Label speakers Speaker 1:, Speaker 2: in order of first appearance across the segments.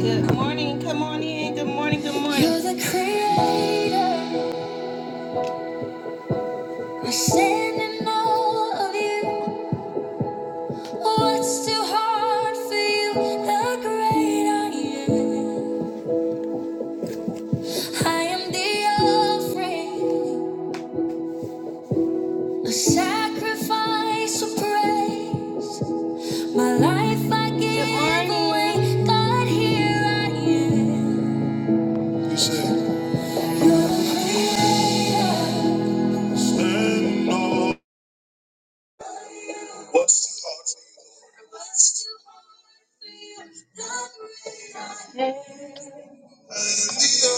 Speaker 1: Good morning, come on in. Good morning, good morning. You're the creator. i are standing in awe of you. What's too hard for you? The great I am. I am the offering, a sacrifice of praise. My life I give Good morning. away. God, here I am.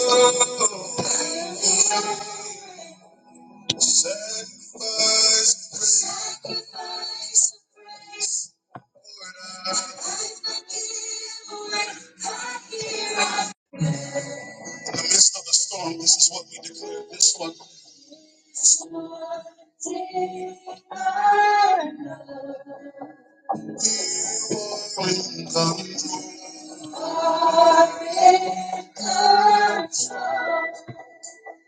Speaker 1: You're the creator. In the midst of the storm, this is what we declare. This one, bring the room.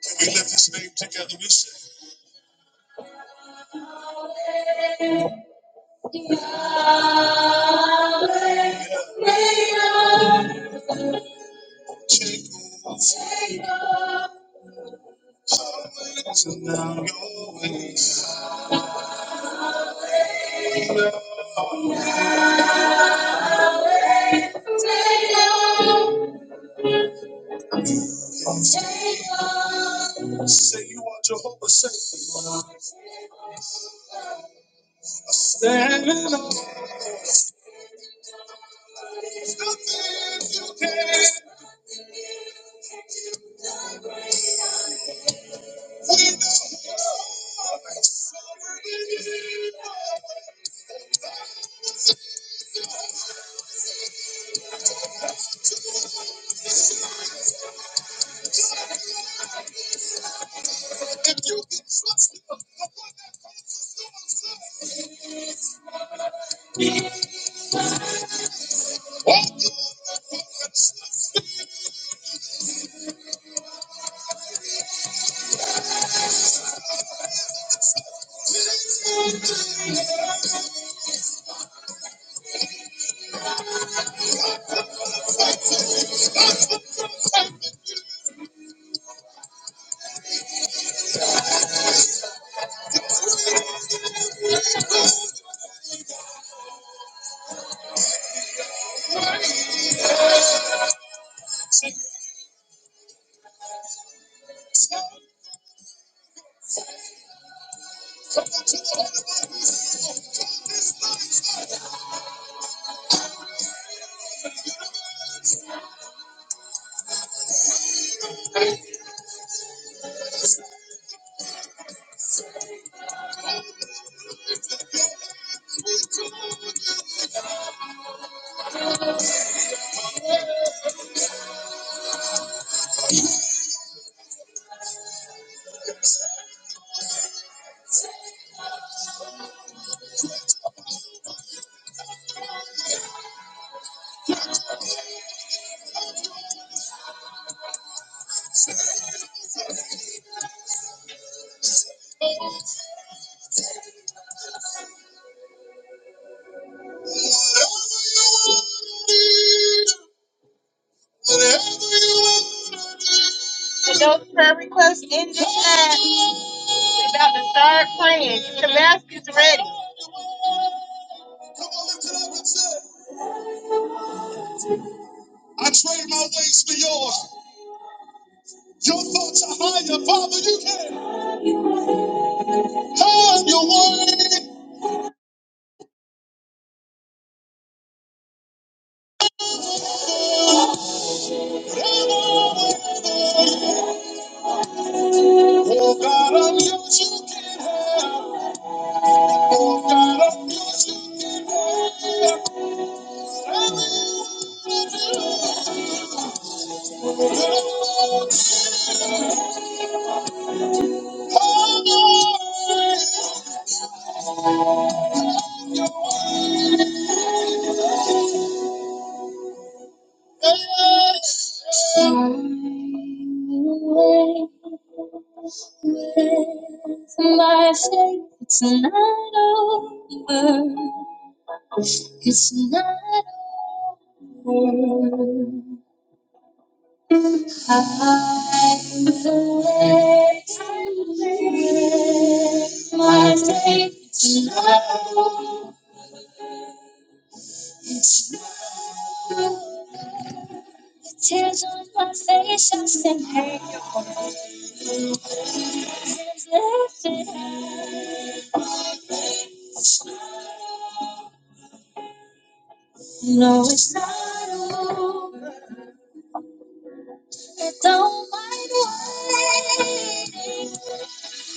Speaker 1: Can we lift his name together? We say, Take over and now your ways. Say you are Jehovah, say, Standing on whatever you are. Come on, lift it up and say, I trade my ways for yours. Your thoughts are higher, Father. You can have your way. Oh God, I'm yours. You can have. Oh God, I'm yours. You can have. your way. As I say it's not over. It's not. I'm aware. I'm aware. My faith is not. It's not. Tears on my face, I said, hey, your hands lifted. No, it's not over. Don't mind waiting.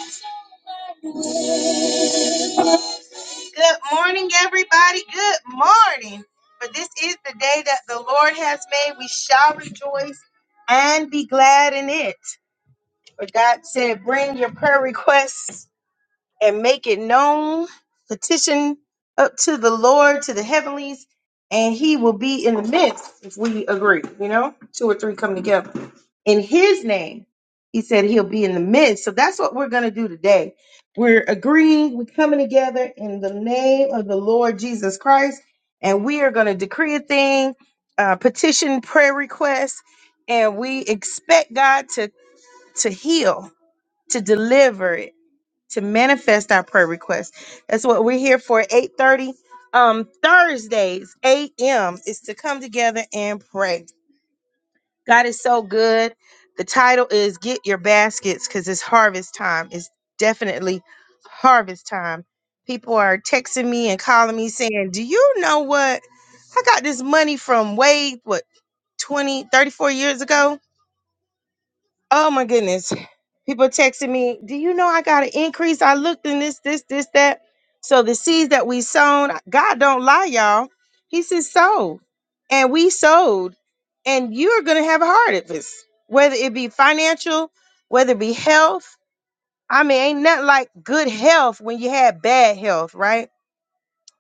Speaker 1: Don't mind waiting. Good morning, everybody. Good morning. For this is the day that the Lord has made. We shall rejoice and be glad in it. But God said, bring your prayer requests and make it known, petition up to the Lord, to the heavenlies, and he will be in the midst if we agree, you know, two or three come together. In his name, he said he'll be in the midst. So that's what we're going to do today. We're agreeing, we're coming together in the name of the Lord Jesus Christ, and we are going to decree a thing, uh, petition prayer requests, and we expect God to, to heal, to deliver to manifest our prayer requests. That's what we're here for. 8:30 um Thursdays, a.m. is to come together and pray. God is so good. The title is Get Your Baskets because it's harvest time. It's definitely harvest time. People are texting me and calling me saying, Do you know what? I got this money from way, what, 20, 34 years ago Oh my goodness. People texting me, do you know I got an increase? I looked in this, this, this, that. So the seeds that we sown, God don't lie, y'all. He says sow. And we sowed. And you're gonna have a harvest, whether it be financial, whether it be health. I mean, ain't nothing like good health when you had bad health, right?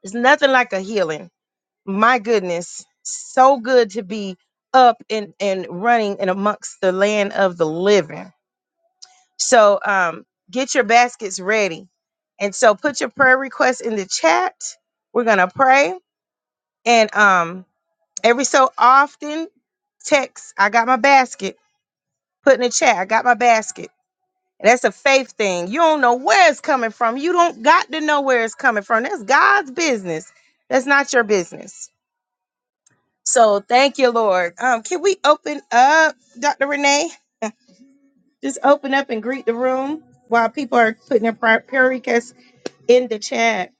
Speaker 1: It's nothing like a healing. My goodness. So good to be up and, and running and amongst the land of the living so um, get your baskets ready. And so put your prayer requests in the chat. We're gonna pray. And um, every so often, text, I got my basket. Put in the chat, I got my basket. And that's a faith thing. You don't know where it's coming from. You don't got to know where it's coming from. That's God's business. That's not your business. So thank you, Lord. Um, can we open up, Dr. Renee? Just open up and greet the room while people are putting their prayer prayer requests in the chat.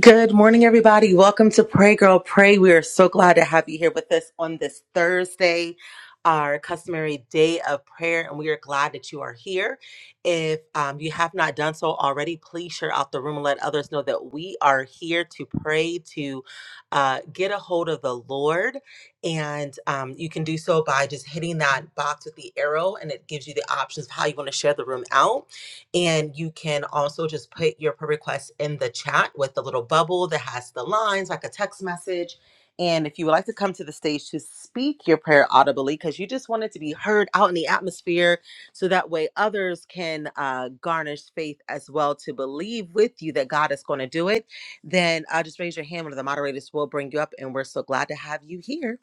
Speaker 2: Good morning, everybody. Welcome to Pray Girl Pray. We are so glad to have you here with us on this Thursday, our customary day of prayer, and we are glad that you are here. If um, you have not done so already, please share out the room and let others know that we are here to pray, to uh, get a hold of the Lord. And um, you can do so by just hitting that box with the arrow, and it gives you the options of how you want to share the room out and you can also just put your pull request in the chat with the little bubble that has the lines, like a text message. And if you would like to come to the stage to speak your prayer audibly, because you just want it to be heard out in the atmosphere, so that way others can uh, garnish faith as well to believe with you that God is going to do it, then uh, just raise your hand. One of the moderators will bring you up, and we're so glad to have you here.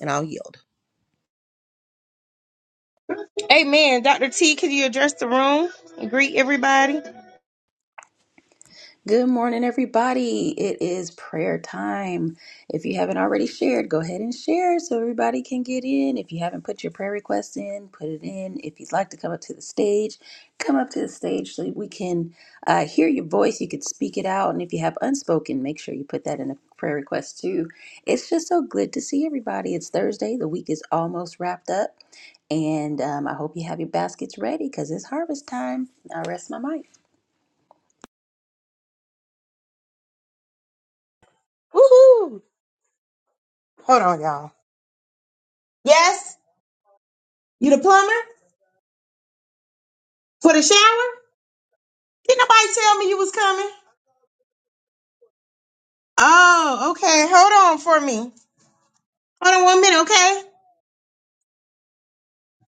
Speaker 2: And I'll yield.
Speaker 1: Amen. Dr. T, can you address the room and greet everybody?
Speaker 3: Good morning, everybody. It is prayer time. If you haven't already shared, go ahead and share so everybody can get in. If you haven't put your prayer request in, put it in. If you'd like to come up to the stage, come up to the stage so we can uh, hear your voice. You could speak it out. And if you have unspoken, make sure you put that in a prayer request too. It's just so good to see everybody. It's Thursday, the week is almost wrapped up. And um, I hope you have your baskets ready because it's harvest time. I rest my mic.
Speaker 1: Woohoo! Yes, you done for the shower? Did not nobody tell me you was coming? Oh, okay. Hold on for me. Hold on one minute, okay?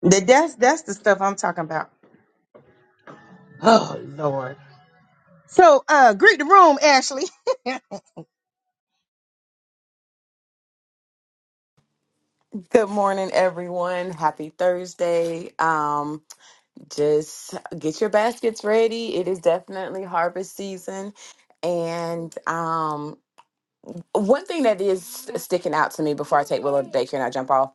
Speaker 1: That- That's that's the stuff I'm talking about. So, uh, greet the room, Ashley.
Speaker 4: Good morning, everyone. Happy Thursday. Um, just get your baskets ready. It is definitely harvest season. And um, one thing that is sticking out to me before I take Willow to daycare and I jump off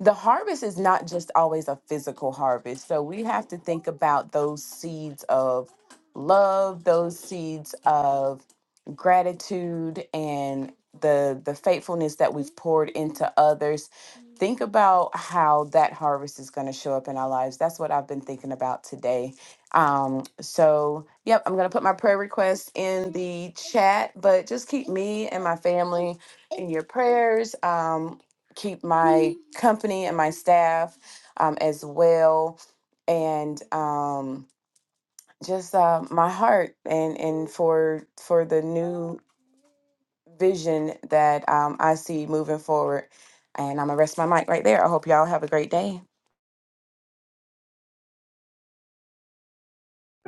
Speaker 4: the harvest is not just always a physical harvest. So we have to think about those seeds of love, those seeds of gratitude and the the faithfulness that we've poured into others. Think about how that harvest is going to show up in our lives. That's what I've been thinking about today. Um, so, yep, I'm going to put my prayer request in the chat, but just keep me and my family in your prayers. Um, keep my company and my staff um, as well and um, just uh, my heart and and for for the new vision that um, i see moving forward and i'm gonna rest my mic right there i hope y'all have a great day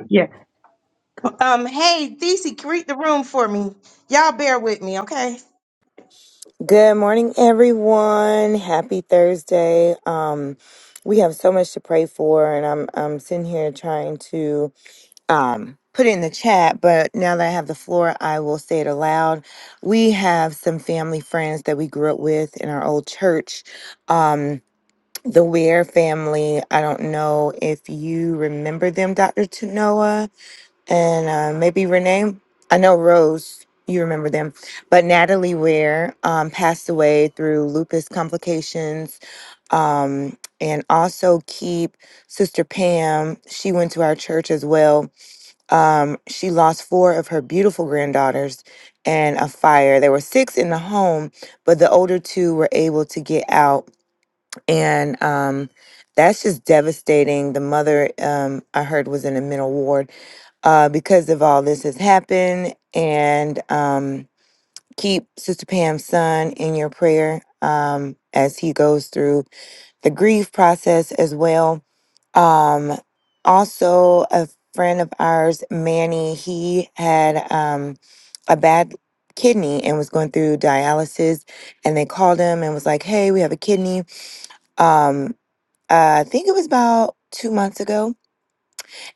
Speaker 1: Yeah. Um, hey, Thesey, greet the room for me. Y'all bear with me, okay?
Speaker 5: Good morning, everyone. Happy Thursday. Um, we have so much to pray for, and I'm I'm sitting here trying to um put it in the chat. But now that I have the floor, I will say it aloud. We have some family friends that we grew up with in our old church. Um, the Ware family. I don't know if you remember them, Doctor Tanoa and uh, maybe Renee. I know Rose, you remember them, but Natalie Ware um, passed away through lupus complications. Um, and also keep Sister Pam. She went to our church as well. Um, she lost four of her beautiful granddaughters in a fire. There were six in the home, but the older two were able to get out. And um, that's just devastating. The mother, um, I heard, was in the mental ward uh, because of all this has happened. And um, keep Sister Pam's son in your prayer um, as he goes through the grief process as well. Um, also, a friend of ours, Manny, he had um, a bad kidney and was going through dialysis. And they called him and was like, hey, we have a kidney. Um, uh, I think it was about two months ago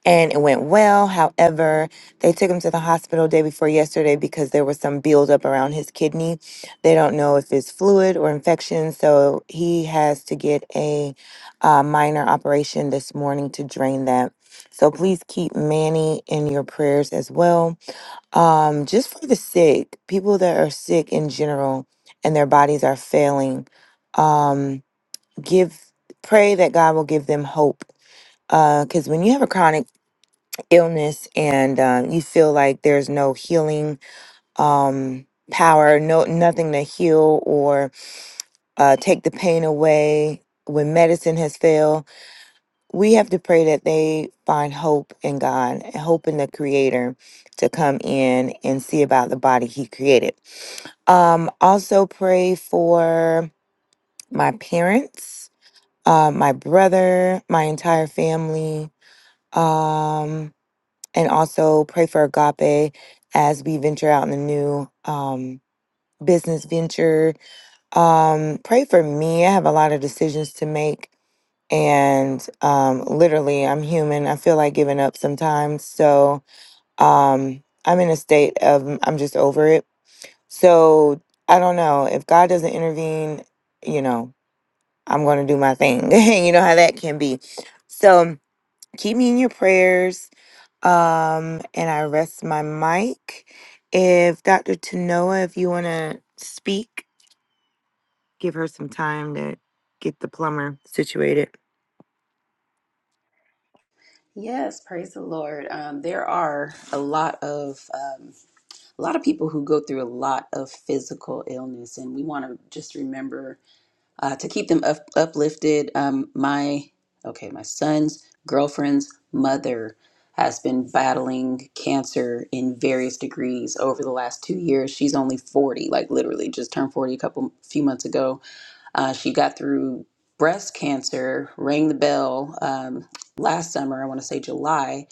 Speaker 5: and it went well. However, they took him to the hospital day before yesterday because there was some buildup around his kidney. They don't know if it's fluid or infection, so he has to get a uh, minor operation this morning to drain that. So please keep Manny in your prayers as well. Um, just for the sick, people that are sick in general and their bodies are failing, um, give pray that God will give them hope because when you have a chronic illness and um, you feel like there's no healing um, power, no nothing to heal or uh, take the pain away when medicine has failed, we have to pray that they find hope in God, hope in the Creator to come in and see about the body He created. Um, also pray for my parents, uh, my brother, my entire family. Um, and also pray for agape as we venture out in the new um, business venture. Um, pray for me. I have a lot of decisions to make, and um, literally, I'm human. I feel like giving up sometimes. So um, I'm in a state of mm, I'm just over it. So I don't know if God doesn't intervene. You know, I'm going to do my thing. you know how that can be. So keep me in your prayers um, and I rest my mic. If Dr. Tanoa, if you want to speak, give her some time to get the plumber situated.
Speaker 3: Yes, praise the Lord. Um, there are a lot of um, a lot of people who go through a lot of physical illness, and we want to just remember uh, to keep them up, uplifted. Um, my okay, my son's girlfriend's mother has been battling cancer in various degrees over the last two years. She's only forty, like literally just turned forty a couple few months ago. Uh, she got through breast cancer, rang the bell um, last summer. I want to say July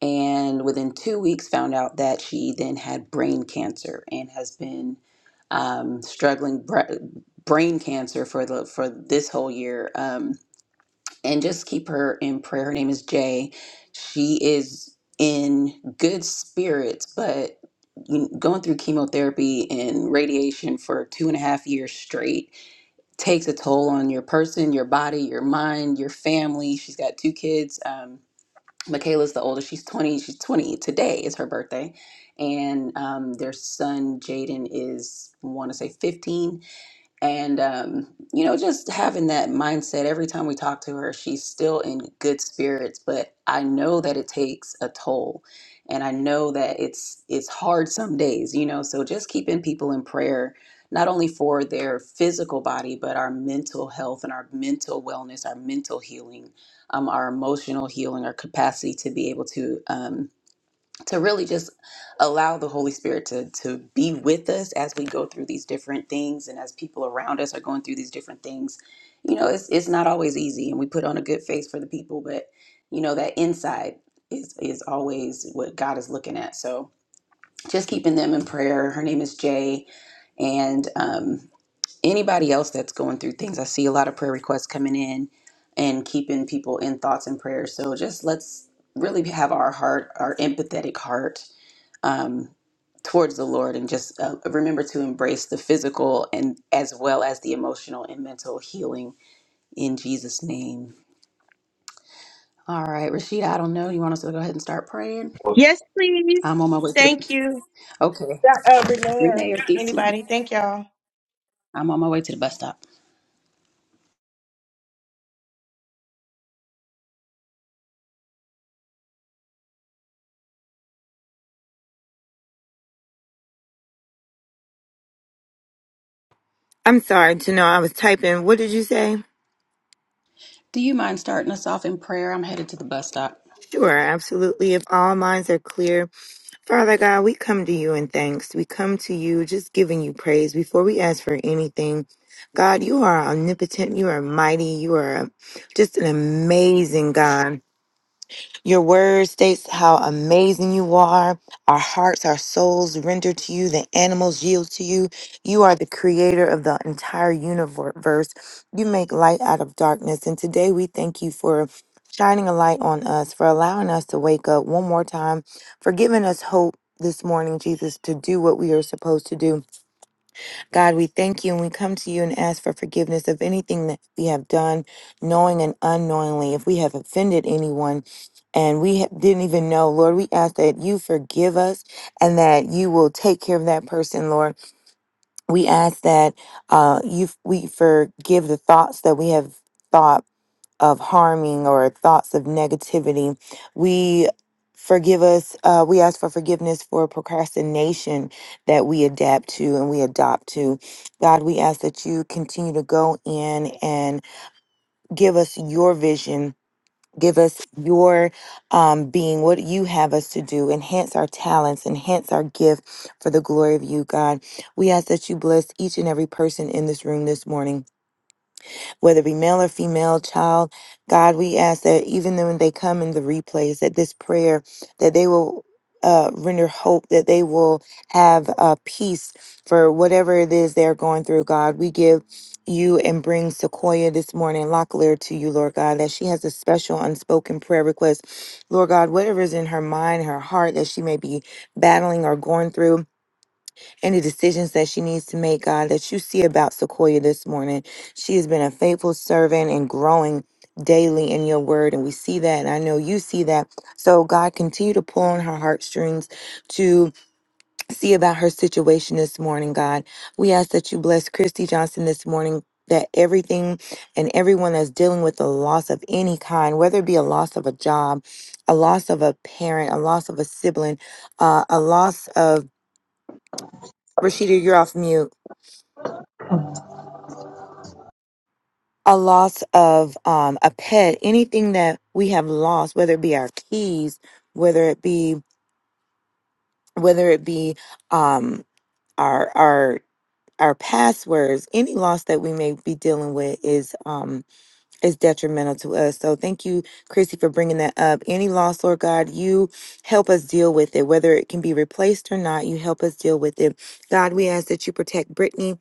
Speaker 3: and within two weeks found out that she then had brain cancer and has been um, struggling br- brain cancer for the for this whole year um, and just keep her in prayer her name is jay she is in good spirits but you- going through chemotherapy and radiation for two and a half years straight takes a toll on your person your body your mind your family she's got two kids um, Michaela's the oldest. She's 20. She's 20. Today is her birthday. And um, their son, Jaden, is, I want to say 15 and um, you know just having that mindset every time we talk to her she's still in good spirits but i know that it takes a toll and i know that it's it's hard some days you know so just keeping people in prayer not only for their physical body but our mental health and our mental wellness our mental healing um, our emotional healing our capacity to be able to um, to really just allow the Holy Spirit to to be with us as we go through these different things and as people around us are going through these different things. You know, it's it's not always easy and we put on a good face for the people, but you know, that inside is is always what God is looking at. So just keeping them in prayer. Her name is Jay and um anybody else that's going through things. I see a lot of prayer requests coming in and keeping people in thoughts and prayers. So just let's really have our heart, our empathetic heart um, towards the Lord and just uh, remember to embrace the physical and as well as the emotional and mental healing in Jesus' name. All right, Rashida, I don't know. You want us to go ahead and start praying?
Speaker 1: Yes, please.
Speaker 3: I'm on my way to the.
Speaker 1: Thank you.
Speaker 3: Okay,
Speaker 1: That, Uh, Renee or
Speaker 3: Renee or DC,
Speaker 1: anybody. Thank y'all.
Speaker 3: I'm on my way to the bus stop.
Speaker 5: I'm sorry, Tanoa, I was typing. What did you say?
Speaker 3: Do you mind starting us off in prayer? I'm headed to the bus stop.
Speaker 5: Sure, absolutely. If all minds are clear, Father God, we come to you in thanks. We come to you just giving you praise before we ask for anything. God, you are omnipotent. You are mighty. You are just an amazing God. Your word states how amazing you are. Our hearts, our souls render to you, the animals yield to you. You are the creator of the entire universe. You make light out of darkness. And today we thank you for shining a light on us, for allowing us to wake up one more time, for giving us hope this morning, Jesus, to do what we are supposed to do. God, we thank you and we come to you and ask for forgiveness of anything that we have done, knowing and unknowingly. If we have offended anyone and we ha- didn't even know, Lord, we ask that you forgive us and that you will take care of that person, Lord. We ask that uh, you we forgive the thoughts that we have thought of harming or thoughts of negativity. We forgive us, uh, we ask for forgiveness for procrastination that we adapt to and we adopt to. God, we ask that you continue to go in and give us your vision. Give us your um, being, what you have us to do. Enhance our talents, enhance our gift for the glory of you, God. We ask that you bless each and every person in this room this morning whether it be male or female, child. God, we ask that even then when they come in the replays, that this prayer, that they will uh, render hope, that they will have uh, peace for whatever it is they're going through, God. We give you and bring Sequoia this morning, Locklear, to you, Lord God, that she has a special unspoken prayer request. Lord God, whatever is in her mind, her heart that she may be battling or going through, any decisions that she needs to make, God, that you see about Sequoia this morning. She has been a faithful servant and growing daily in your word, and we see that, and I know you see that. So, God, continue to pull on her heartstrings to see about her situation this morning, God. We ask that you bless Christy Johnson this morning. That everything and everyone that's dealing with a loss of any kind, whether it be a loss of a job, a loss of a parent, a loss of a sibling, uh, a loss of Rashida, you're off mute a loss of um, a pet, anything that we have lost, whether it be our keys, whether it be whether it be um, our our our passwords, any loss that we may be dealing with is um, is detrimental to us. So thank you, Chrissy, for bringing that up. Any loss, Lord God, you help us deal with it, whether it can be replaced or not. You help us deal with it. God, we ask that you protect Brittany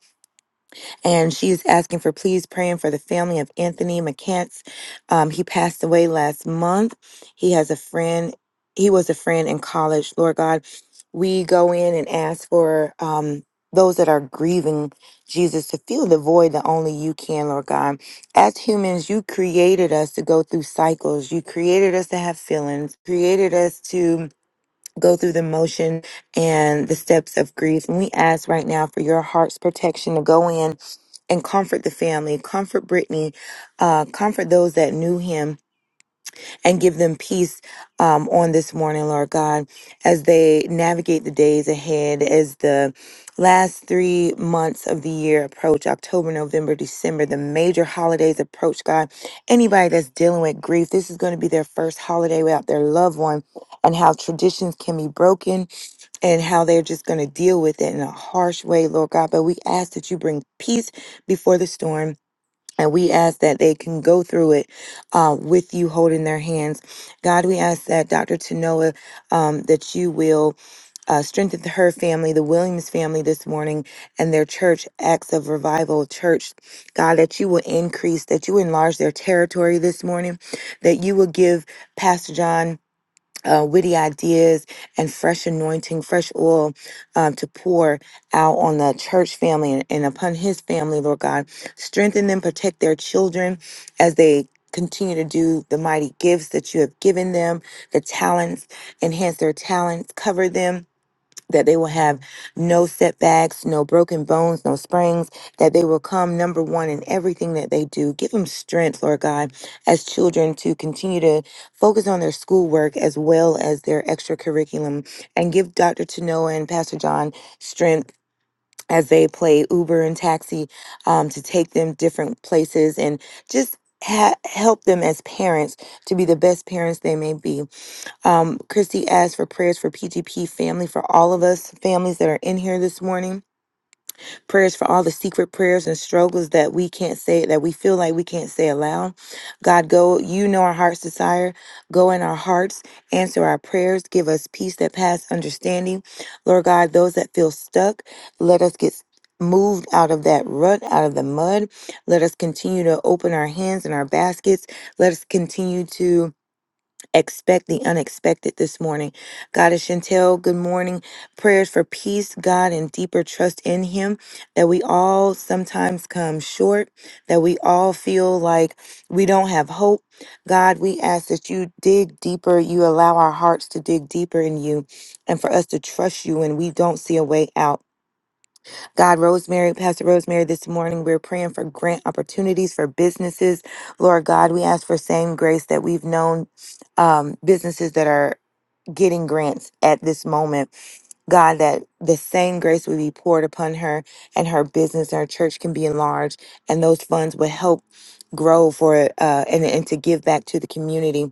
Speaker 5: and she is asking for please praying for the family of Anthony McCants. Um, he passed away last month. He has a friend. He was a friend in college. Lord God, we go in and ask for um, those that are grieving Jesus to fill the void that only you can, Lord God. As humans, you created us to go through cycles. You created us to have feelings. Created us to go through the motion and the steps of grief. And we ask right now for your heart's protection to go in and comfort the family, comfort Brittany, uh, comfort those that knew him, and give them peace um, on this morning, Lord God, as they navigate the days ahead, as the last three months of the year approach October, November, December, the major holidays approach, God. Anybody that's dealing with grief, this is going to be their first holiday without their loved one, and how traditions can be broken and how they're just going to deal with it in a harsh way, Lord God. But we ask that you bring peace before the storm and we ask that they can go through it uh, with you holding their hands. God, we ask that Dr. Tanoa, um, that you will uh, strengthen her family, the Williams family this morning, and their church, Acts of Revival Church. God, that you will increase, that you enlarge their territory this morning, that you will give Pastor John uh, witty ideas and fresh anointing, fresh oil um, to pour out on the church family and, and upon his family, Lord God. Strengthen them, protect their children as they continue to do the mighty gifts that you have given them, the talents, enhance their talents, cover them that they will have no setbacks, no broken bones, no sprains, that they will come number one in everything that they do. Give them strength, Lord God, as children to continue to focus on their schoolwork as well as their extracurriculum. And give Dr. Tanoa and Pastor John strength as they play Uber and taxi um, to take them different places and just ha- help them as parents to be the best parents they may be. Um, Christy asked for prayers for PGP family, for all of us families that are in here this morning. Prayers for all the secret prayers and struggles that we can't say, that we feel like we can't say aloud. God, go, you know our heart's desire. Go in our hearts, answer our prayers, give us peace that passes understanding. Lord God, those that feel stuck, let us get moved out of that rut, out of the mud. Let us continue to open our hands and our baskets. Let us continue to Expect the unexpected this morning. Goddess Chantel, good morning. Prayers for peace, God, and deeper trust in Him that we all sometimes come short, that we all feel like we don't have hope. God, we ask that you dig deeper. You allow our hearts to dig deeper in you and for us to trust you when we don't see a way out. God, Rosemary, Pastor Rosemary, this morning we're praying for grant opportunities for businesses. Lord God, we ask for same grace that we've known um, businesses that are getting grants at this moment. God, that the same grace would be poured upon her and her business, her church can be enlarged, and those funds would help grow for uh, and, and to give back to the community.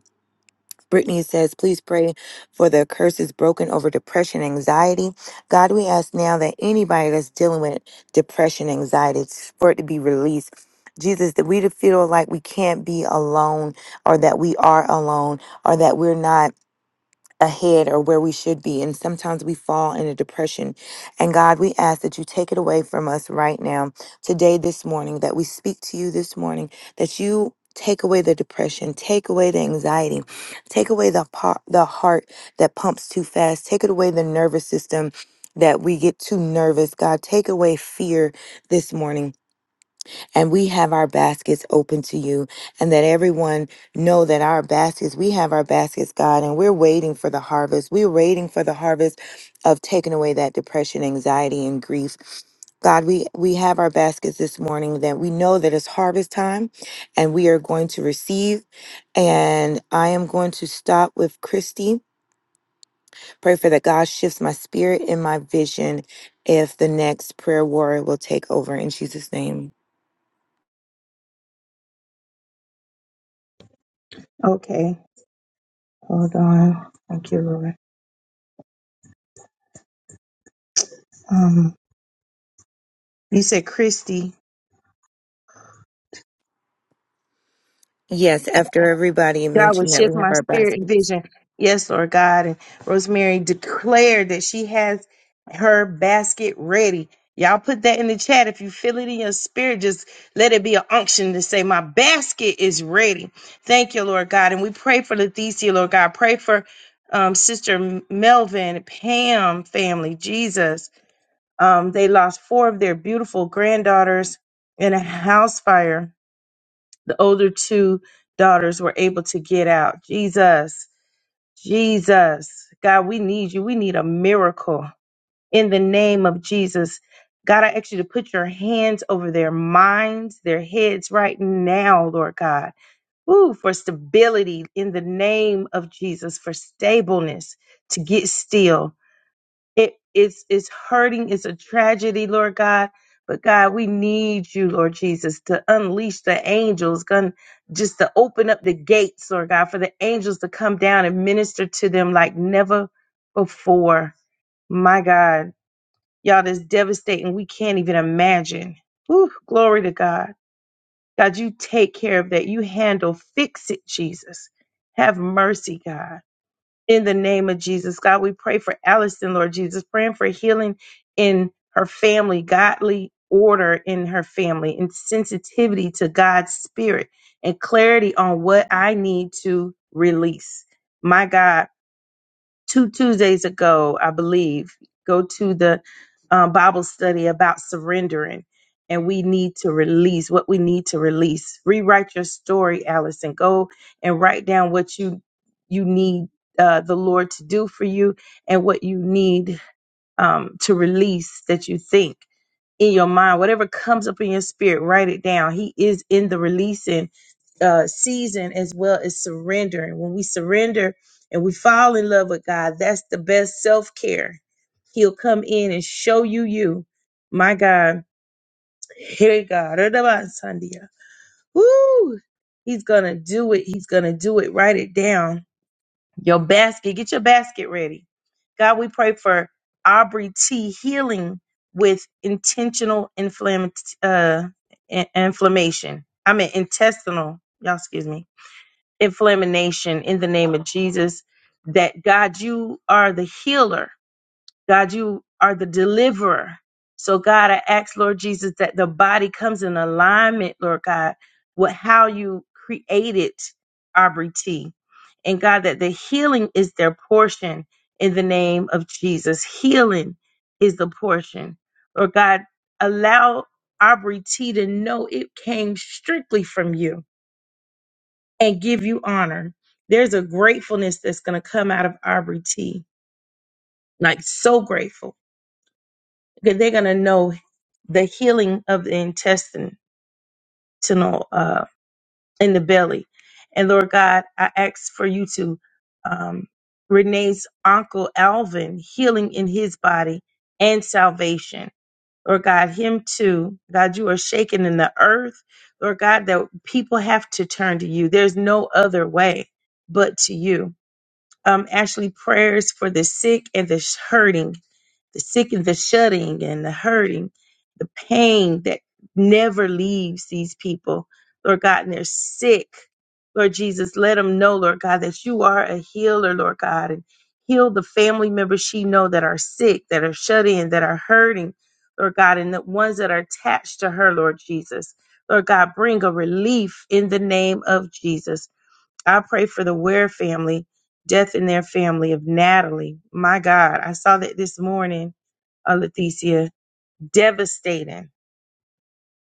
Speaker 5: Brittany says, please pray for the curses broken over depression, anxiety. God, we ask now that anybody that's dealing with depression, anxiety, for it to be released. Jesus, that we to feel like we can't be alone or that we are alone or that we're not ahead or where we should be. And sometimes we fall in a depression. And God, we ask that you take it away from us right now, today, this morning, that we speak to you this morning, that you take away the depression, take away the anxiety, take away the, par- the heart that pumps too fast, take it away the nervous system. That we get too nervous. God, take away fear this morning and we have our baskets open to you and that everyone know that our baskets we have our baskets god and we're waiting for the harvest we're waiting for the harvest of taking away that depression anxiety and grief God, we, we have our baskets this morning that we know that it's harvest time and we are going to receive. And I am going to stop with Christy. Pray for that God shifts my spirit and my vision if the next prayer warrior will take over in Jesus' name.
Speaker 1: Okay. Hold on. Thank you, Lord. Um, you said Christy.
Speaker 5: Yes, after everybody
Speaker 1: God will
Speaker 5: mentioned that we
Speaker 1: shift
Speaker 5: have
Speaker 1: my
Speaker 5: our
Speaker 1: spirit and
Speaker 5: baskets.
Speaker 1: vision. Yes, Lord God. And Rosemary declared that she has her basket ready. Y'all put that in the chat. If you feel it in your spirit, just let it be an unction to say, My basket is ready. Thank you, Lord God. And we pray for Leticia, Lord God. Pray for um, Sister Melvin, Pam family, Jesus. Um, they lost four of their beautiful granddaughters in a house fire. The older two daughters were able to get out. Jesus, Jesus, God, we need you. We need a miracle in the name of Jesus. God, I ask you to put your hands over their minds, their heads right now, Lord God. Ooh, for stability in the name of Jesus, for stableness to get still it is is hurting. It's a tragedy, Lord God. But God, we need you, Lord Jesus, to unleash the angels, gun just to open up the gates, Lord God, for the angels to come down and minister to them like never before. My God, y'all, that's devastating. We can't even imagine. Whew, glory to God. God, you take care of that. You handle, fix it, Jesus. Have mercy, God. In the name of Jesus, God, we pray for Allison, Lord Jesus, praying for healing in her family, godly order in her family, and sensitivity to God's spirit and clarity on what I need to release. My God two Tuesdays ago, I believe, go to the um, Bible study about surrendering. And we need to release what we need to release. Rewrite your story, Allison. Go and write down what you you need uh, the Lord to do for you, and what you need um, to release that you think in your mind, whatever comes up in your spirit, write it down. He is in the releasing uh, season as well as surrendering. When we surrender and we fall in love with God, that's the best self care. He'll come in and show you you. My God, hey God, Woo! He's gonna do it. He's gonna do it. Write it down your basket, get your basket ready. God, we pray for Aubrey T healing with intentional inflam- uh, in- inflammation. I mean, intestinal, y'all, excuse me, inflammation in the name of Jesus. That God, you are the healer God, you are the deliverer. So, God, I ask, Lord Jesus, that the body comes in alignment, Lord God, with how you created Aubrey T. And God, that the healing is their portion in the name of Jesus. Healing is the portion. Lord God, allow Aubrey T to know it came strictly from you and give you honor. There's a gratefulness that's going to come out of Aubrey T. Like, so grateful Okay, they're going to know the healing of the intestinal uh, in the belly. And Lord God, I ask for you to um, Renee's uncle Alvin healing in his body and salvation. Lord God, him too. God, you are shaking in the earth. Lord God, that people have to turn to you. There's no other way but to you. Um, Ashley, prayers for the sick and the hurting the sick and the shutting and the hurting, the pain that never leaves these people, Lord God, and they're sick. Lord Jesus, let them know, Lord God, that you are a healer, Lord God, and heal the family members she know that are sick, that are shut in, that are hurting, Lord God, and the ones that are attached to her, Lord Jesus. Lord God, bring a relief in the name of Jesus. I pray for the Ware family, death in their family of Natalie. My God, I saw that this morning uh, Leticia, devastating.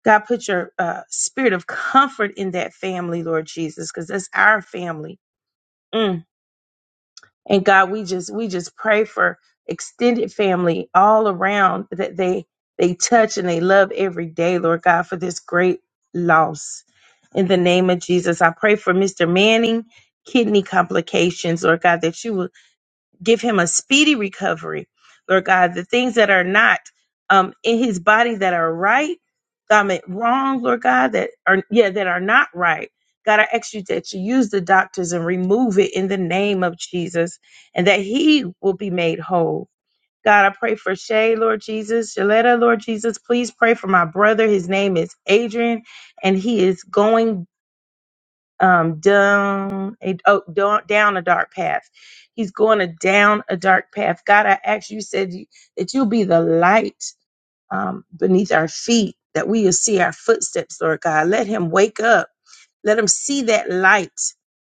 Speaker 1: God, put your uh, spirit of comfort in that family, Lord Jesus, because that's our family. Mm. And God, we just we just pray for extended family all around that they they touch and they love every day, Lord God, for this great loss. In the name of Jesus, I pray for Mr. Manning kidney complications, Lord God, that you will. give him a speedy recovery, Lord God. The things that are not um, in his body that are right, God, made wrong, Lord God, that are yeah that are not right. God, I ask you that you use the doctors and remove it in the name of Jesus, and that he will be made whole. God, I pray for Shay, Lord Jesus, Shaletta, Lord Jesus. Please pray for my brother. His name is Adrian, and he is going um, down a oh, down, down a dark path. He's going a down a dark path. God, I ask you said you, that you'll be the light um, beneath our feet, that we will see our footsteps, Lord God. Let him wake up. Let him see that light.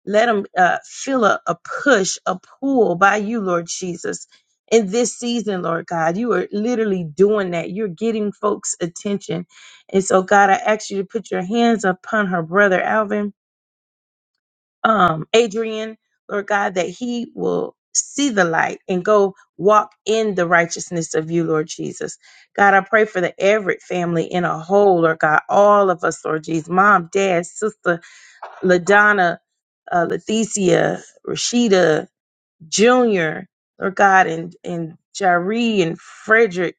Speaker 1: Let him uh, feel a, a push, a pull by you, Lord Jesus. In this season, Lord God, you are literally doing that. You're getting folks' attention. And so, God, I ask you to put your hands upon her brother, Alvin um, Adrian, Lord God, that he will see the light and go walk in the righteousness of you, Lord Jesus. God, I pray for the Everett family in a whole, Lord God, all of us, Lord Jesus, mom, dad, sister, LaDonna, uh, Leticia, Rashida, Junior, Lord God, and, and Jari and Frederick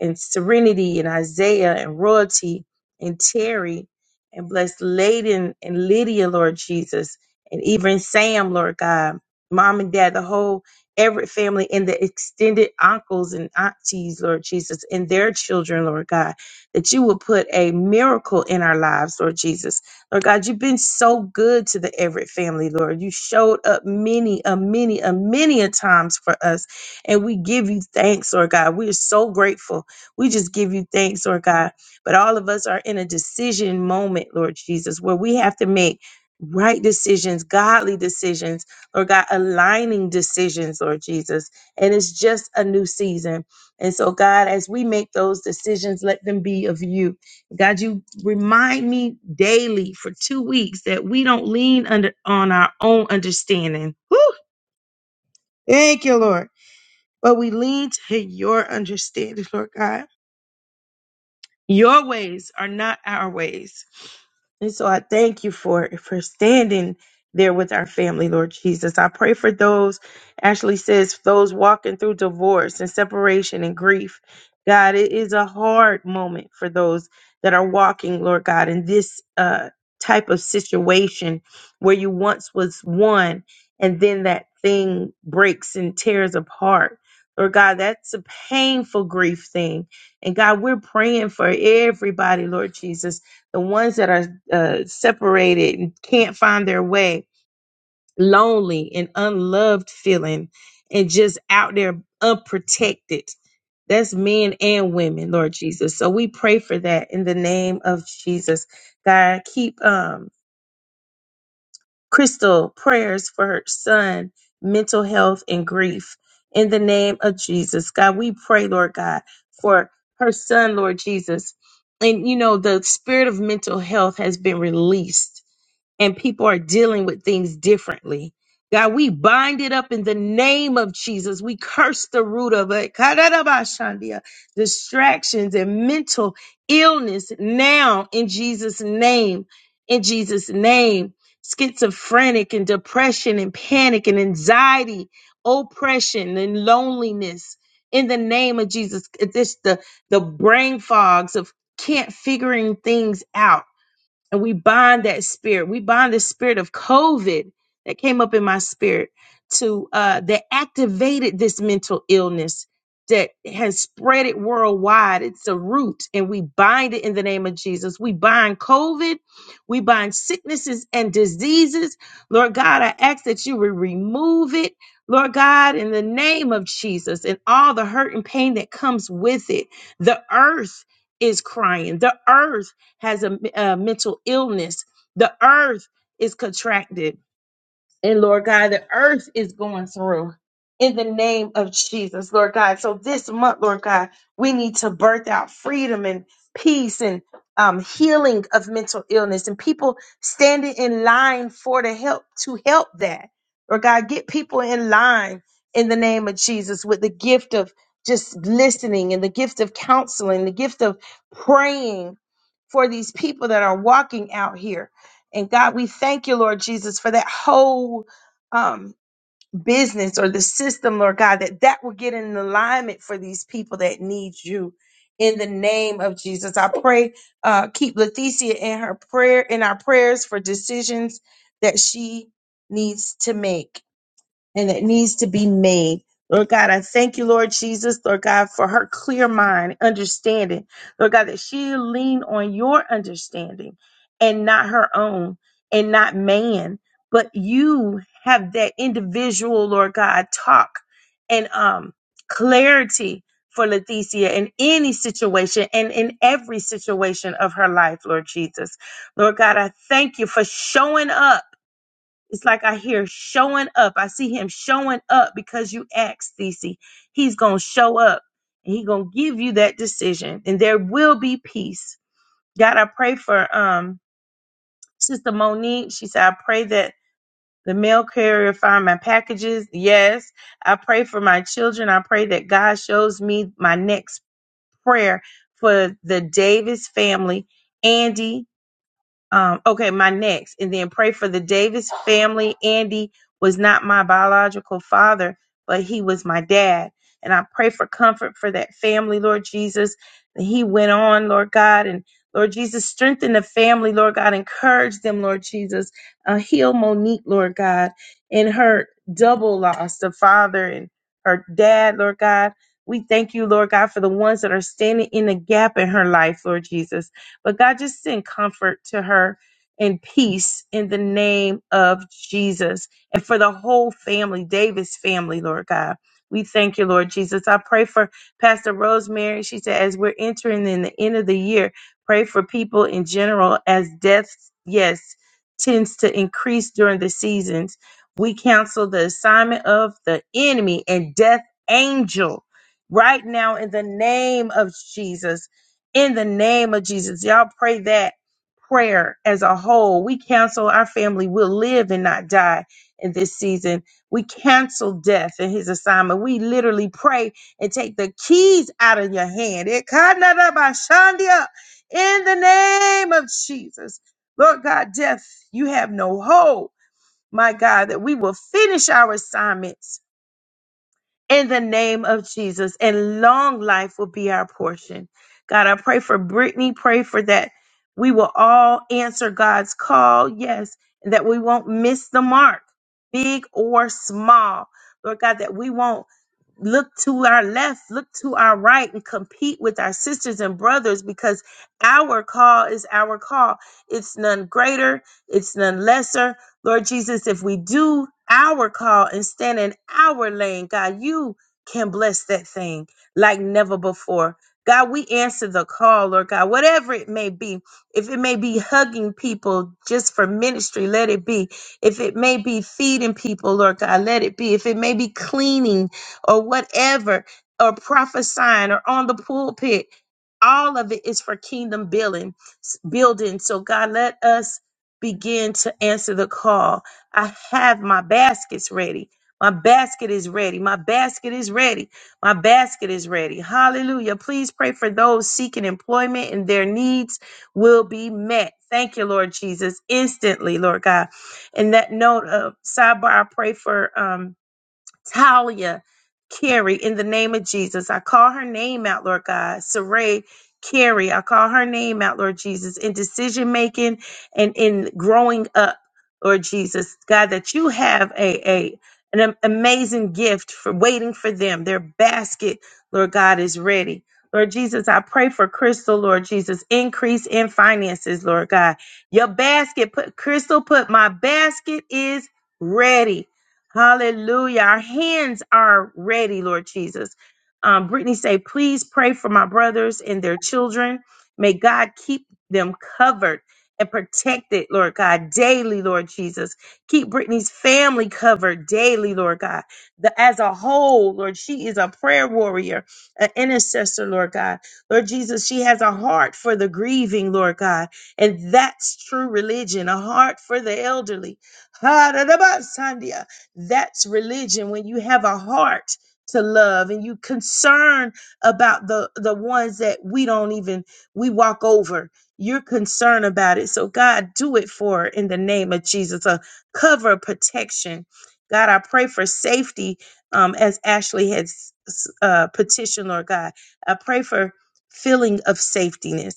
Speaker 1: and Serenity and Isaiah and Royalty and Terry and bless Layden and Lydia, Lord Jesus, and even Sam, Lord God, mom and dad, the whole Everett family and the extended uncles and aunties, Lord Jesus, and their children, Lord God, that you will put a miracle in our lives, Lord Jesus Lord God, you've been so good to the Everett family, Lord. You showed up many, a many, a many a times for us. And we give you thanks, Lord God. We are so grateful. We just give you thanks, Lord God. But all of us are in a decision moment, Lord Jesus, where we have to make right decisions, godly decisions, Lord God, aligning decisions, Lord Jesus. And it's just a new season. And so, God, as we make those decisions, let them be of you. God, you remind me daily for two weeks that we don't lean under on our own understanding. Whew, thank you, Lord. But we lean to your understanding, Lord God. Your ways are not our ways. And so I thank you for for standing there with our family, Lord Jesus. I pray for those, Ashley says, those walking through divorce and separation and grief. God, it is a hard moment for those that are walking, Lord God, in this uh, type of situation where you once was one and then that thing breaks and tears apart. Lord God, that's a painful grief thing and God, we're praying for everybody, Lord Jesus, the ones that are uh, separated and can't find their way, lonely and unloved feeling, and just out there unprotected. That's men and women, Lord Jesus. So we pray for that in the name of Jesus. God, keep um Crystal, prayers for her son, mental health, and grief. In the name of Jesus, God, we pray, Lord God, for her son, Lord Jesus. And you know, the spirit of mental health has been released and people are dealing with things differently. God, we bind it up in the name of Jesus. We curse the root of it. Kadarabashandia, Distractions and mental illness now in Jesus' name. In Jesus' name. Schizophrenic and depression and panic and anxiety, oppression and loneliness. In the name of Jesus, this the the brain fogs of can't figuring things out and we bind that spirit. We bind the spirit of COVID that came up in my spirit to uh, that activated this mental illness that has spread it worldwide. It's a root, and we bind it in the name of Jesus. We bind COVID, we bind sicknesses and diseases. Lord God, I ask that you would remove it. Lord God, in the name of Jesus and all the hurt and pain that comes with it, the earth is crying. The earth has a, a mental illness. The earth is contracted and Lord God, the earth is going through in the name of Jesus, Lord God. So this month, Lord God, we need to birth out freedom and peace and um, healing of mental illness and people standing in line for the help to help that. Lord God, get people in line in the name of Jesus with the gift of just listening and the gift of counseling, the gift of praying for these people that are walking out here and God, we thank you, Lord Jesus, for that whole um, business or the system, Lord God, that that will get in alignment for these people that need you. In the name of Jesus, I pray, uh, keep Leticia in her prayer, in our prayers for decisions that she needs to make and it needs to be made. Lord God, I thank you, Lord Jesus, Lord God, for her clear mind, understanding. Lord God, that she lean on your understanding and not her own and not man, but you have that individual, Lord God, talk and um clarity for Leticia in any situation and in every situation of her life, Lord Jesus. Lord God, I thank you for showing up it's like I hear showing up. I see him showing up because you asked, Thesey. He's going to show up and he's going to give you that decision and there will be peace. God, I pray for um Sister Monique. She said, I pray that the mail carrier find my packages. Yes. I pray for my children. I pray that God shows me my next prayer for the Davis family, Andy. Um, okay, my next, and then pray for the Davis family. Andy was not my biological father, but he was my dad. And I pray for comfort for that family, Lord Jesus. And he went on, Lord God, and Lord Jesus, strengthen the family, Lord God. Encourage them, Lord Jesus. Uh, heal Monique, Lord God, in her double loss, the father and her dad, Lord God. We thank you, Lord God, for the ones that are standing in the gap in her life, Lord Jesus. But God just send comfort to her and peace in the name of Jesus. And for the whole family, David's family, Lord God. We thank you, Lord Jesus. I pray for Pastor Rosemary. She said, as we're entering in the end of the year, pray for people in general as death, yes, tends to increase during the seasons. We counsel the assignment of the enemy and death angel right now in the name of Jesus in the name of Jesus. Y'all pray that prayer as a whole. We cancel our family will live and not die in this season. We cancel death and his assignment. We literally pray and take the keys out of your hand. It kinda da ba shandia. In the name of Jesus. Lord God, death, you have no hold, my God, that we will finish our assignments in the name of Jesus, and long life will be our portion. God, I pray for Brittany, pray for that we will all answer God's call, yes, and that we won't miss the mark, big or small. Lord God, that we won't look to our left, look to our right, and compete with our sisters and brothers because our call is our call. It's none greater, it's none lesser. Lord Jesus, if we do our call and stand in our lane, God, you can bless that thing like never before. God, we answer the call, Lord God, whatever it may be. If it may be hugging people just for ministry, let it be. If it may be feeding people, Lord God, let it be. If it may be cleaning or whatever, or prophesying or on the pulpit, all of it is for kingdom building building. So God, let us Begin to answer the call. I have my baskets ready. My basket is ready. My basket is ready. My basket is ready. Hallelujah. Please pray for those seeking employment and their needs will be met. Thank you, Lord Jesus, instantly, Lord God. And that note of sidebar, I pray for um, Talia, Carrie, in the name of Jesus. I call her name out, Lord God. Saray, Carrie, I call her name out, Lord Jesus, in decision making and in growing up, Lord Jesus. God, that you have a, a an am- amazing gift for waiting for them. Their basket, Lord God, is ready. Lord Jesus, I pray for Crystal, Lord Jesus, increase in finances, Lord God. Your basket, put Crystal, put my basket is ready. Hallelujah. Our hands are ready, Lord Jesus. Um, Brittany say, please pray for my brothers and their children. May God keep them covered and protected, Lord God, daily, Lord Jesus. Keep Brittany's family covered daily, Lord God. The, as a whole, Lord, she is a prayer warrior, an intercessor, Lord God. Lord Jesus, she has a heart for the grieving, Lord God. And that's true religion, a heart for the elderly. That's religion when you have a heart to love and you concern about the the ones that we don't even we walk over. You're concerned about it. So God, do it for her in the name of Jesus. A cover of protection. God, I pray for safety um, as Ashley has uh, petitioned, Lord God. I pray for feeling of safetiness.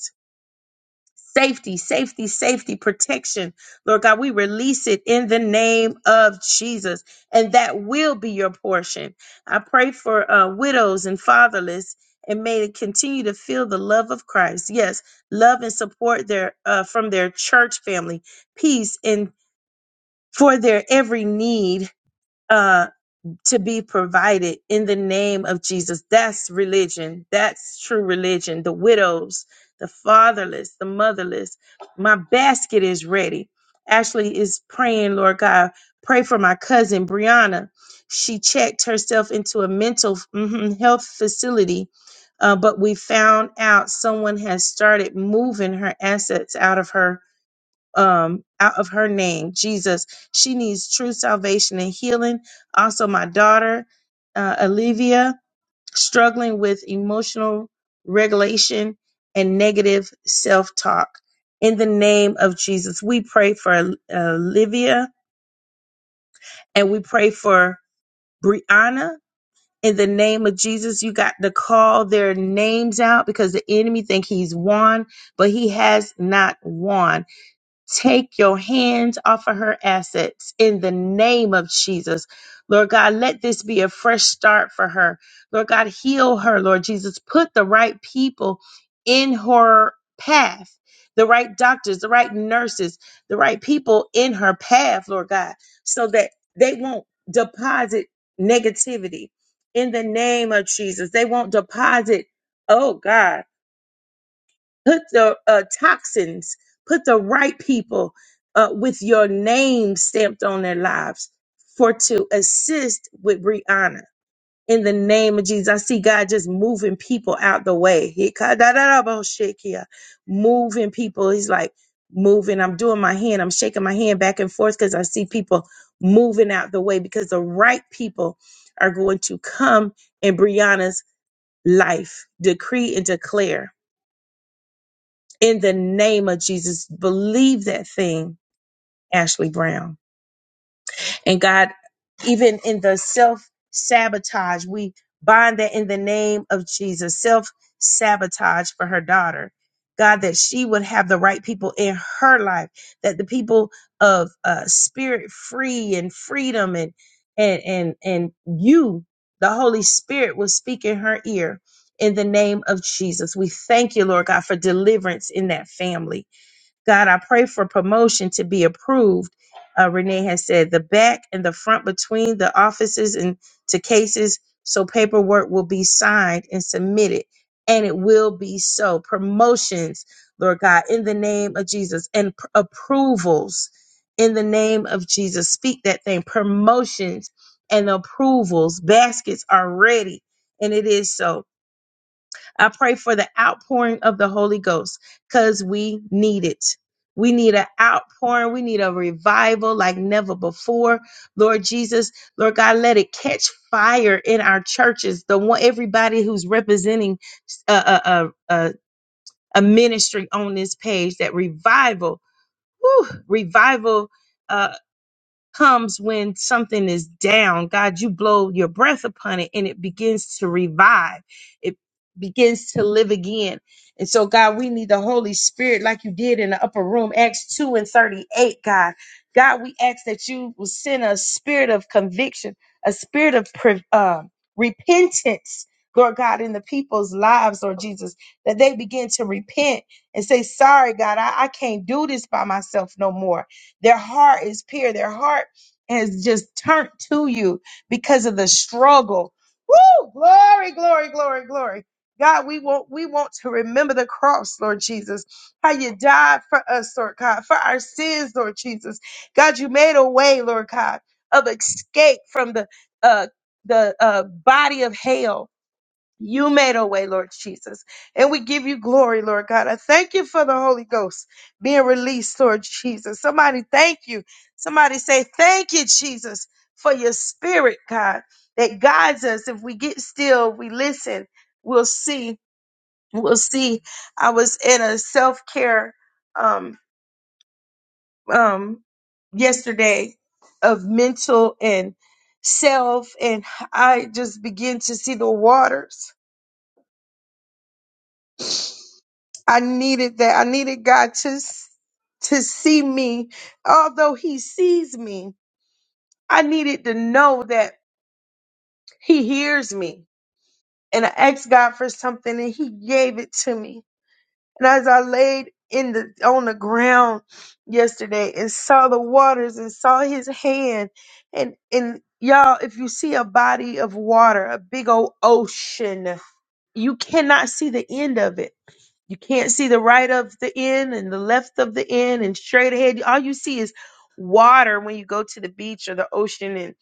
Speaker 1: Safety, safety, safety, protection. Lord God, we release it in the name of Jesus, and that will be your portion. I pray for uh, widows and fatherless, and may they continue to feel the love of Christ. Yes, love and support their uh, from their church family, peace, and for their every need. Uh, to be provided in the name of Jesus. That's religion. That's true religion. The widows, the fatherless, the motherless. My basket is ready. Ashley is praying, Lord God, pray for my cousin Brianna. She checked herself into a mental mhm, health facility, uh, but we found out someone has started moving her assets out of her um, out of her name, Jesus. She needs true salvation and healing. Also, my daughter, uh, Olivia, struggling with emotional regulation and negative self talk. In the name of Jesus, we pray for uh, Olivia and we pray for Brianna. In the name of Jesus, you got to call their names out because the enemy think he's won, but he has not won Take your hands off of her assets in the name of Jesus. Lord God, let this be a fresh start for her. Lord God, heal her, Lord Jesus. Put the right people in her path, the right doctors, the right nurses, the right people in her path, Lord God, so that they won't deposit negativity in the name of Jesus. They won't deposit, oh God put the uh, toxins, put the right people uh, with your name stamped on their lives for to assist with Brianna. In the name of Jesus, I see God just moving people out the way. He ka- da- da- da- bo- shake here. Moving people. He's like, moving. I'm doing my hand. I'm shaking my hand back and forth because I see people moving out the way because the right people are going to come in Brianna's life. Decree and declare in the name of Jesus. Believe that thing, Ashley Brown. And God, even in the self sabotage, we bind that in the name of Jesus. Self sabotage for her daughter. God, that she would have the right people in her life, that the people of uh, spirit free and freedom and and and and you, the Holy Spirit, will speak in her ear in the name of Jesus. We thank you, Lord God, for deliverance in that family God, I pray for promotion to be approved. Uh, Renee has said the back and the front between the offices and to cases, so paperwork will be signed and submitted, and it will be so. Promotions, Lord God, in the name of Jesus, and pr- approvals in the name of Jesus. Speak that thing. Promotions and approvals. Baskets are ready, and it is so. I pray for the outpouring of the Holy Ghost because we need it. We need an outpouring. We need a revival like never before. Lord Jesus, Lord God, let it catch fire in our churches. The one, everybody who's representing a, a, a, a, ministry on this page, that revival, whew, revival. uh comes when something is down. God, you blow your breath upon it and it begins to revive. It begins to live again. And so, God, we need the Holy Spirit like you did in the upper room, Acts 2 and 38, God. God, we ask that you will send a spirit of conviction, a spirit of pre- uh, repentance, Lord God, in the people's lives, Lord Jesus, that they begin to repent and say, Sorry, God, I I can't do this by myself no more. Their heart is pure. Their heart has just turned to you because of the struggle. Woo! Glory, glory, glory, glory. God, we want we want to remember the cross, Lord Jesus. How you died for us, Lord God, for our sins, Lord Jesus. God, you made a way, Lord God, of escape from the uh the uh body of hell. You made a way, Lord Jesus. And we give you glory, Lord God. I thank you for the Holy Ghost being released, Lord Jesus. Somebody thank you. Somebody say, Thank you, Jesus, for your spirit, God, that guides us. If we get still, we listen, we'll see. We'll see. I was in a self care um, um, yesterday of mental and self, and I just began to see the waters I needed that. I needed God to s- to see me, although He sees me. I needed to know that He hears me. And I asked God for something, and He gave it to me. And as I laid in the on the ground yesterday and saw the waters and saw His hand, and and y'all, if you see a body of water, a big old ocean, you cannot see the end of it You can't see the right of the end and the left of the end and straight ahead. All you see is water when you go to the beach or the ocean. And,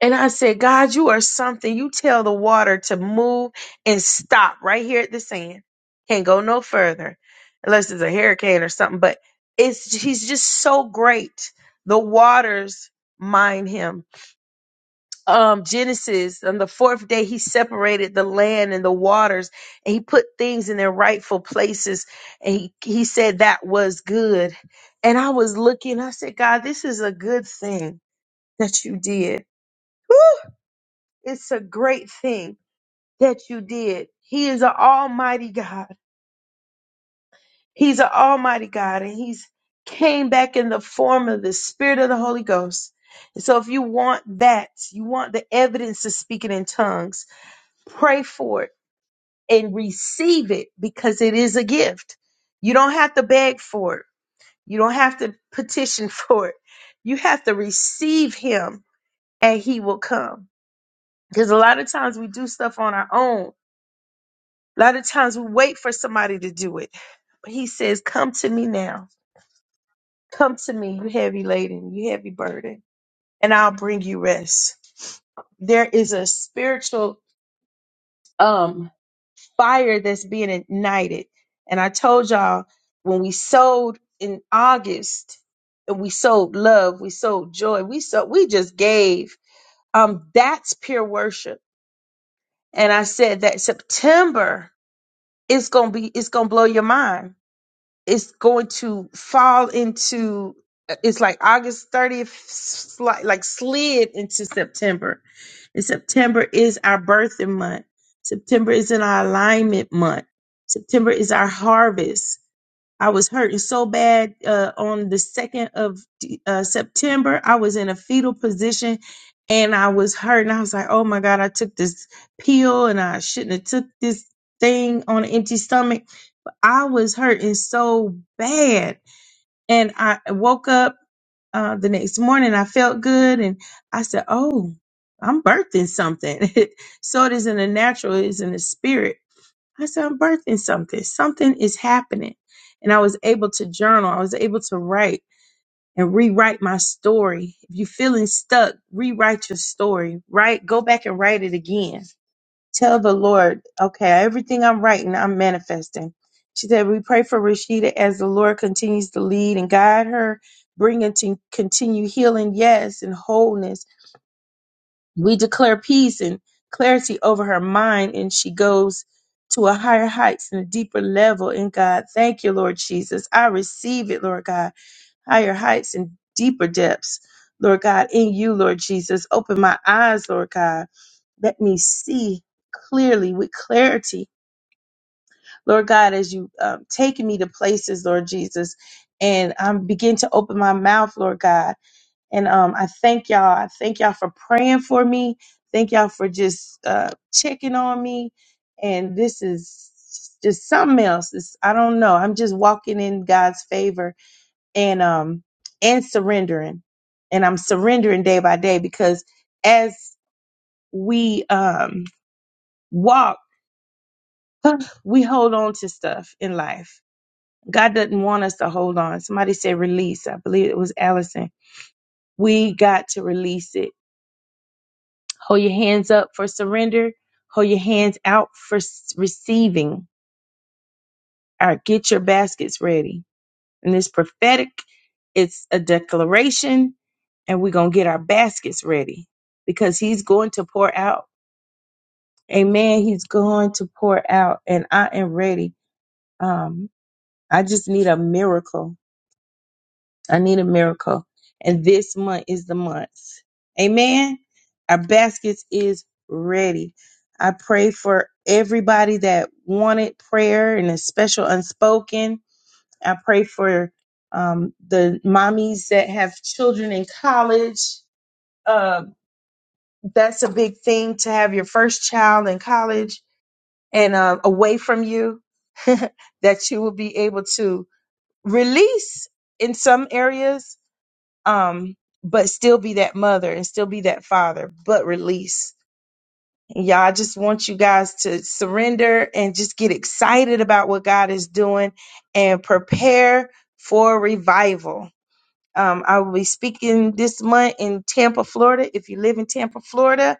Speaker 1: and I said, God, you are something. You tell the water to move and stop right here at the sand. Can't go no further unless it's a hurricane or something. But it's he's just so great. The waters mind him um Genesis on the fourth day he separated the land and the waters and he put things in their rightful places and he, he said that was good and I was looking I said God this is a good thing that you did Woo! it's a great thing that you did he is an almighty God he's an almighty God and he's came back in the form of the spirit of the Holy Ghost and so if you want that you want the evidence of speaking in tongues pray for it and receive it because it is a gift. You don't have to beg for it. You don't have to petition for it. You have to receive him and he will come. Because a lot of times we do stuff on our own. A lot of times we wait for somebody to do it. But he says, Come to me now. Come to me, you heavy laden, you heavy burden, and I'll bring you rest. There is a spiritual um fire that's being ignited. And I told y'all when we sold in August, and we sold love, we sold joy, we so we just gave. Um, that's pure worship. And I said that September is gonna be it's gonna blow your mind it's going to fall into it's like August 30th sli- like slid into September. And September is our birthing month. September is in our alignment month. September is our harvest. I was hurting so bad uh, on the 2nd of uh, September. I was in a fetal position and I was hurting. I was like, "Oh my god, I took this pill and I shouldn't have took this thing on an empty stomach." I was hurting so bad. And I woke up uh, the next morning. I felt good and I said, Oh, I'm birthing something. so it isn't a natural, it is in the spirit. I said, I'm birthing something. Something is happening. And I was able to journal, I was able to write and rewrite my story. If you're feeling stuck, rewrite your story, right? Go back and write it again Tell the Lord, okay, everything I'm writing, I'm manifesting. She said, We pray for Rashida as the Lord continues to lead and guide her, bring it to continue healing, yes, and wholeness. We declare peace and clarity over her mind, and she goes to a higher heights and a deeper level in God. Thank you, Lord Jesus. I receive it, Lord God. Higher heights and deeper depths, Lord God, in you, Lord Jesus. Open my eyes, Lord God. Let me see clearly with clarity, Lord God, as you um, take me to places, Lord Jesus, and um, begin to open my mouth, Lord God. And um, I thank y'all. I thank y'all for praying for me. Thank y'all for just uh, checking on me. And this is just something else. It's, I don't know. I'm just walking in God's favor and um and surrendering. And I'm surrendering day by day because as we um walk We hold on to stuff in life. God doesn't want us to hold on. Somebody said release. I believe it was Allison. We got to release it. Hold your hands up for surrender. Hold your hands out for s- receiving. All right, get your baskets ready. And it's prophetic. It's a declaration and we're going to get our baskets ready because he's going to pour out. Amen. He's going to pour out and I am ready. Um, I just need a miracle. I need a miracle. And this month is the month. Amen. Our baskets is ready. I pray for everybody that wanted prayer and a special unspoken. I pray for um, the mommies that have children in college. Uh, that's a big thing to have your first child in college and uh, away from you, that you will be able to release in some areas um, but still be that mother and still be that father, but release. And y'all, I just want you guys to surrender and just get excited about what God is doing and prepare for revival. Um, I will be speaking this month in Tampa, Florida. If you live in Tampa, Florida,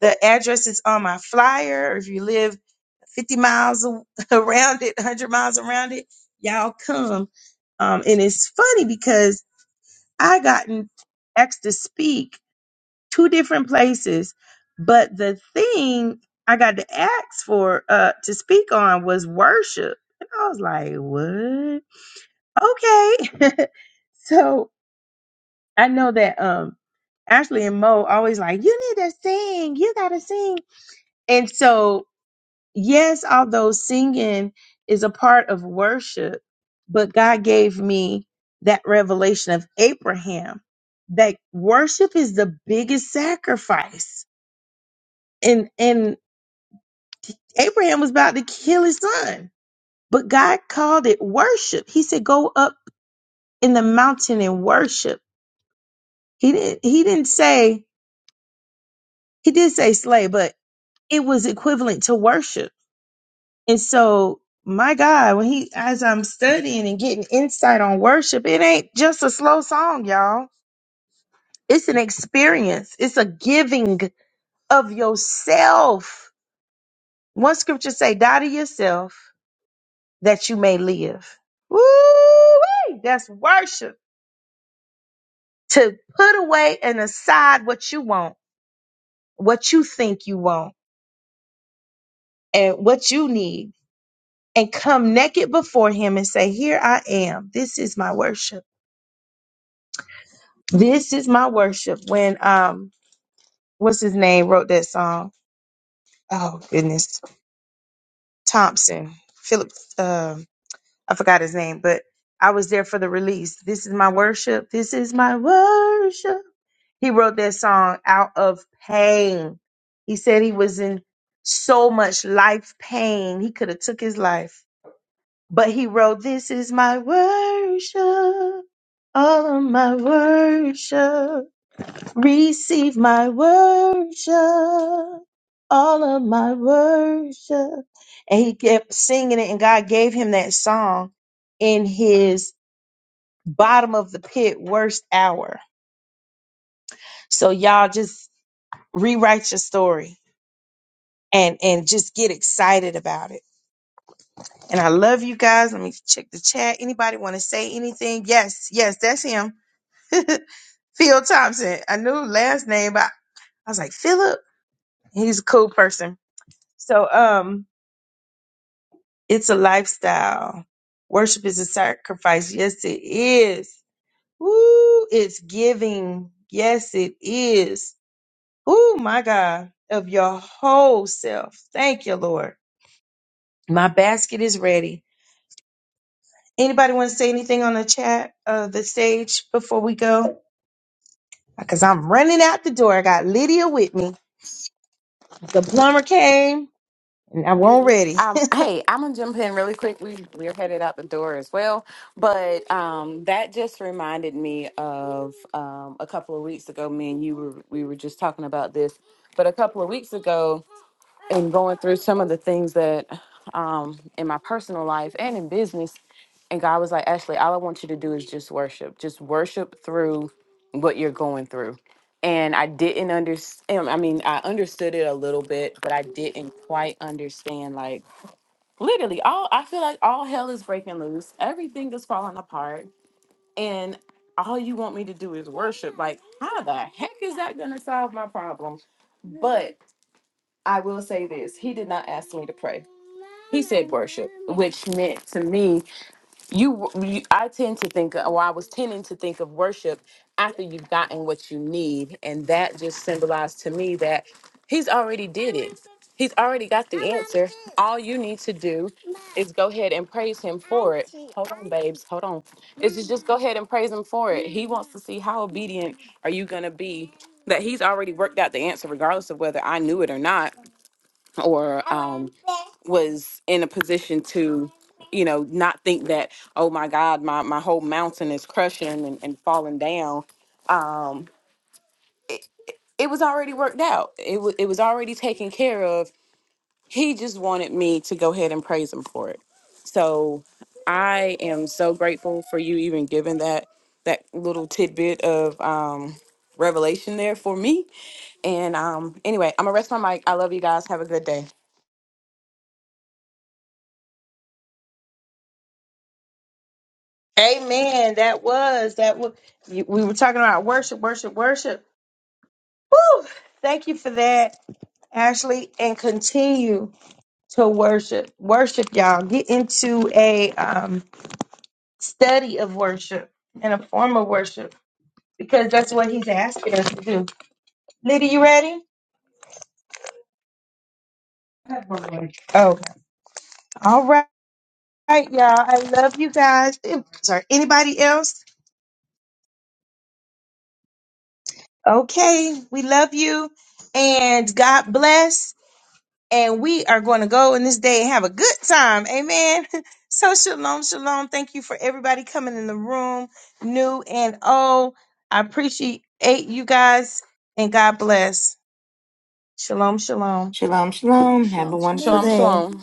Speaker 1: the address is on my flyer. Or if you live 50 miles a- around it, 100 miles around it, y'all come. Um, and it's funny because I gotten asked to speak two different places. But the thing I got to ask for uh to speak on was worship. And I was like, what? Okay. so I know that um Ashley and Mo always like, you need to sing, you gotta sing. And so, yes, although singing is a part of worship, but God gave me that revelation of Abraham that worship is the biggest sacrifice and and Abraham was about to kill his son, but God called it worship. He said, "Go up in the mountain and worship." He didn't. He didn't say. He did say slay, but it was equivalent to worship. And so, my God, when he as I'm studying and getting insight on worship, it ain't just a slow song, y'all. It's an experience. It's a giving of yourself. One scripture say, "Die to yourself." that you may live. Woo! That's worship. To put away and aside what you want, what you think you want, and what you need, and come naked before Him and say, "Here I am. This is my worship. This is my worship." When um, what's his name wrote that song? Oh goodness, Thompson, Philip. Um, I forgot his name, but I was there for the release. This is my worship. This is my worship. He wrote that song out of pain. He said he was in so much life pain. He could have took his life. But he wrote, This is my worship. All of my worship. Receive my worship. All of my worship. And he kept singing it, and God gave him that song in his bottom of the pit worst hour. So y'all just rewrite your story and and just get excited about it. And I love you guys. Let me check the chat. Anybody want to say anything? Yes, yes, that's him. Phil Thompson. I knew last name, but I was like, Philip. He's a cool person. So um it's a lifestyle. Worship is a sacrifice. Yes, it is. Woo, it's giving. Yes, it is. Oh my God. Of your whole self. Thank you, Lord. My basket is ready. Anybody want to say anything on the chat, uh, the stage before we go? Because I'm running out the door. I got Lydia with me. The plumber came, and I won't ready.
Speaker 4: um, hey, I'm gonna jump in really quick. We we're headed out the door as well, but um, that just reminded me of um, a couple of weeks ago. Me and you were we were just talking about this, but a couple of weeks ago, and going through some of the things that um in my personal life and in business and god was like ashley all i want you to do is just worship just worship through what you're going through and i didn't understand i mean i understood it a little bit but i didn't quite understand like literally all i feel like all hell is breaking loose everything is falling apart and all you want me to do is worship like how the heck is that gonna solve my problem but He said worship, which meant to me, you, you I tend to think, or I was tending to think of worship after you've gotten what you need, and that just symbolized to me that he's already did it. He's already got the answer. All you need to do is go ahead and praise him for it. Hold on, babes. Hold on. Is to just go ahead and praise him for it. He wants to see how obedient are you gonna be. That he's already worked out the answer, regardless of whether I knew it or not or um, was in a position to, you know, not think that, oh my God, my, my whole mountain is crushing and, and falling down. Um, it, it was already worked out, it, wa it was already taken care of. He just wanted me to go ahead and praise him for it. So I am so grateful for you even giving that that little tidbit of um, revelation there for me. And um, anyway, I'm gonna rest my mic. I love you guys. Have a good day.
Speaker 1: Amen. That was that. Was, you- we were talking about worship, worship, worship. Woo! Thank you for that, Ashley, and continue to worship, worship, y'all. Get into a um, study of worship and a form of worship because that's what he's asking us to do. Lydia, you ready? Okay. All right, y'all. I love you guys. Ew, Sorry. Anybody else? Okay. We love you. And God bless. And we are going to go in this day and have a good time. Amen. So, shalom, shalom. Thank you for everybody coming in the room, new and old. I appreciate you guys. And God bless. Shalom, shalom.
Speaker 5: Shalom, shalom. Have a
Speaker 3: Shalom,
Speaker 5: wonderful
Speaker 4: Shalom,
Speaker 5: day.
Speaker 3: shalom.
Speaker 4: shalom.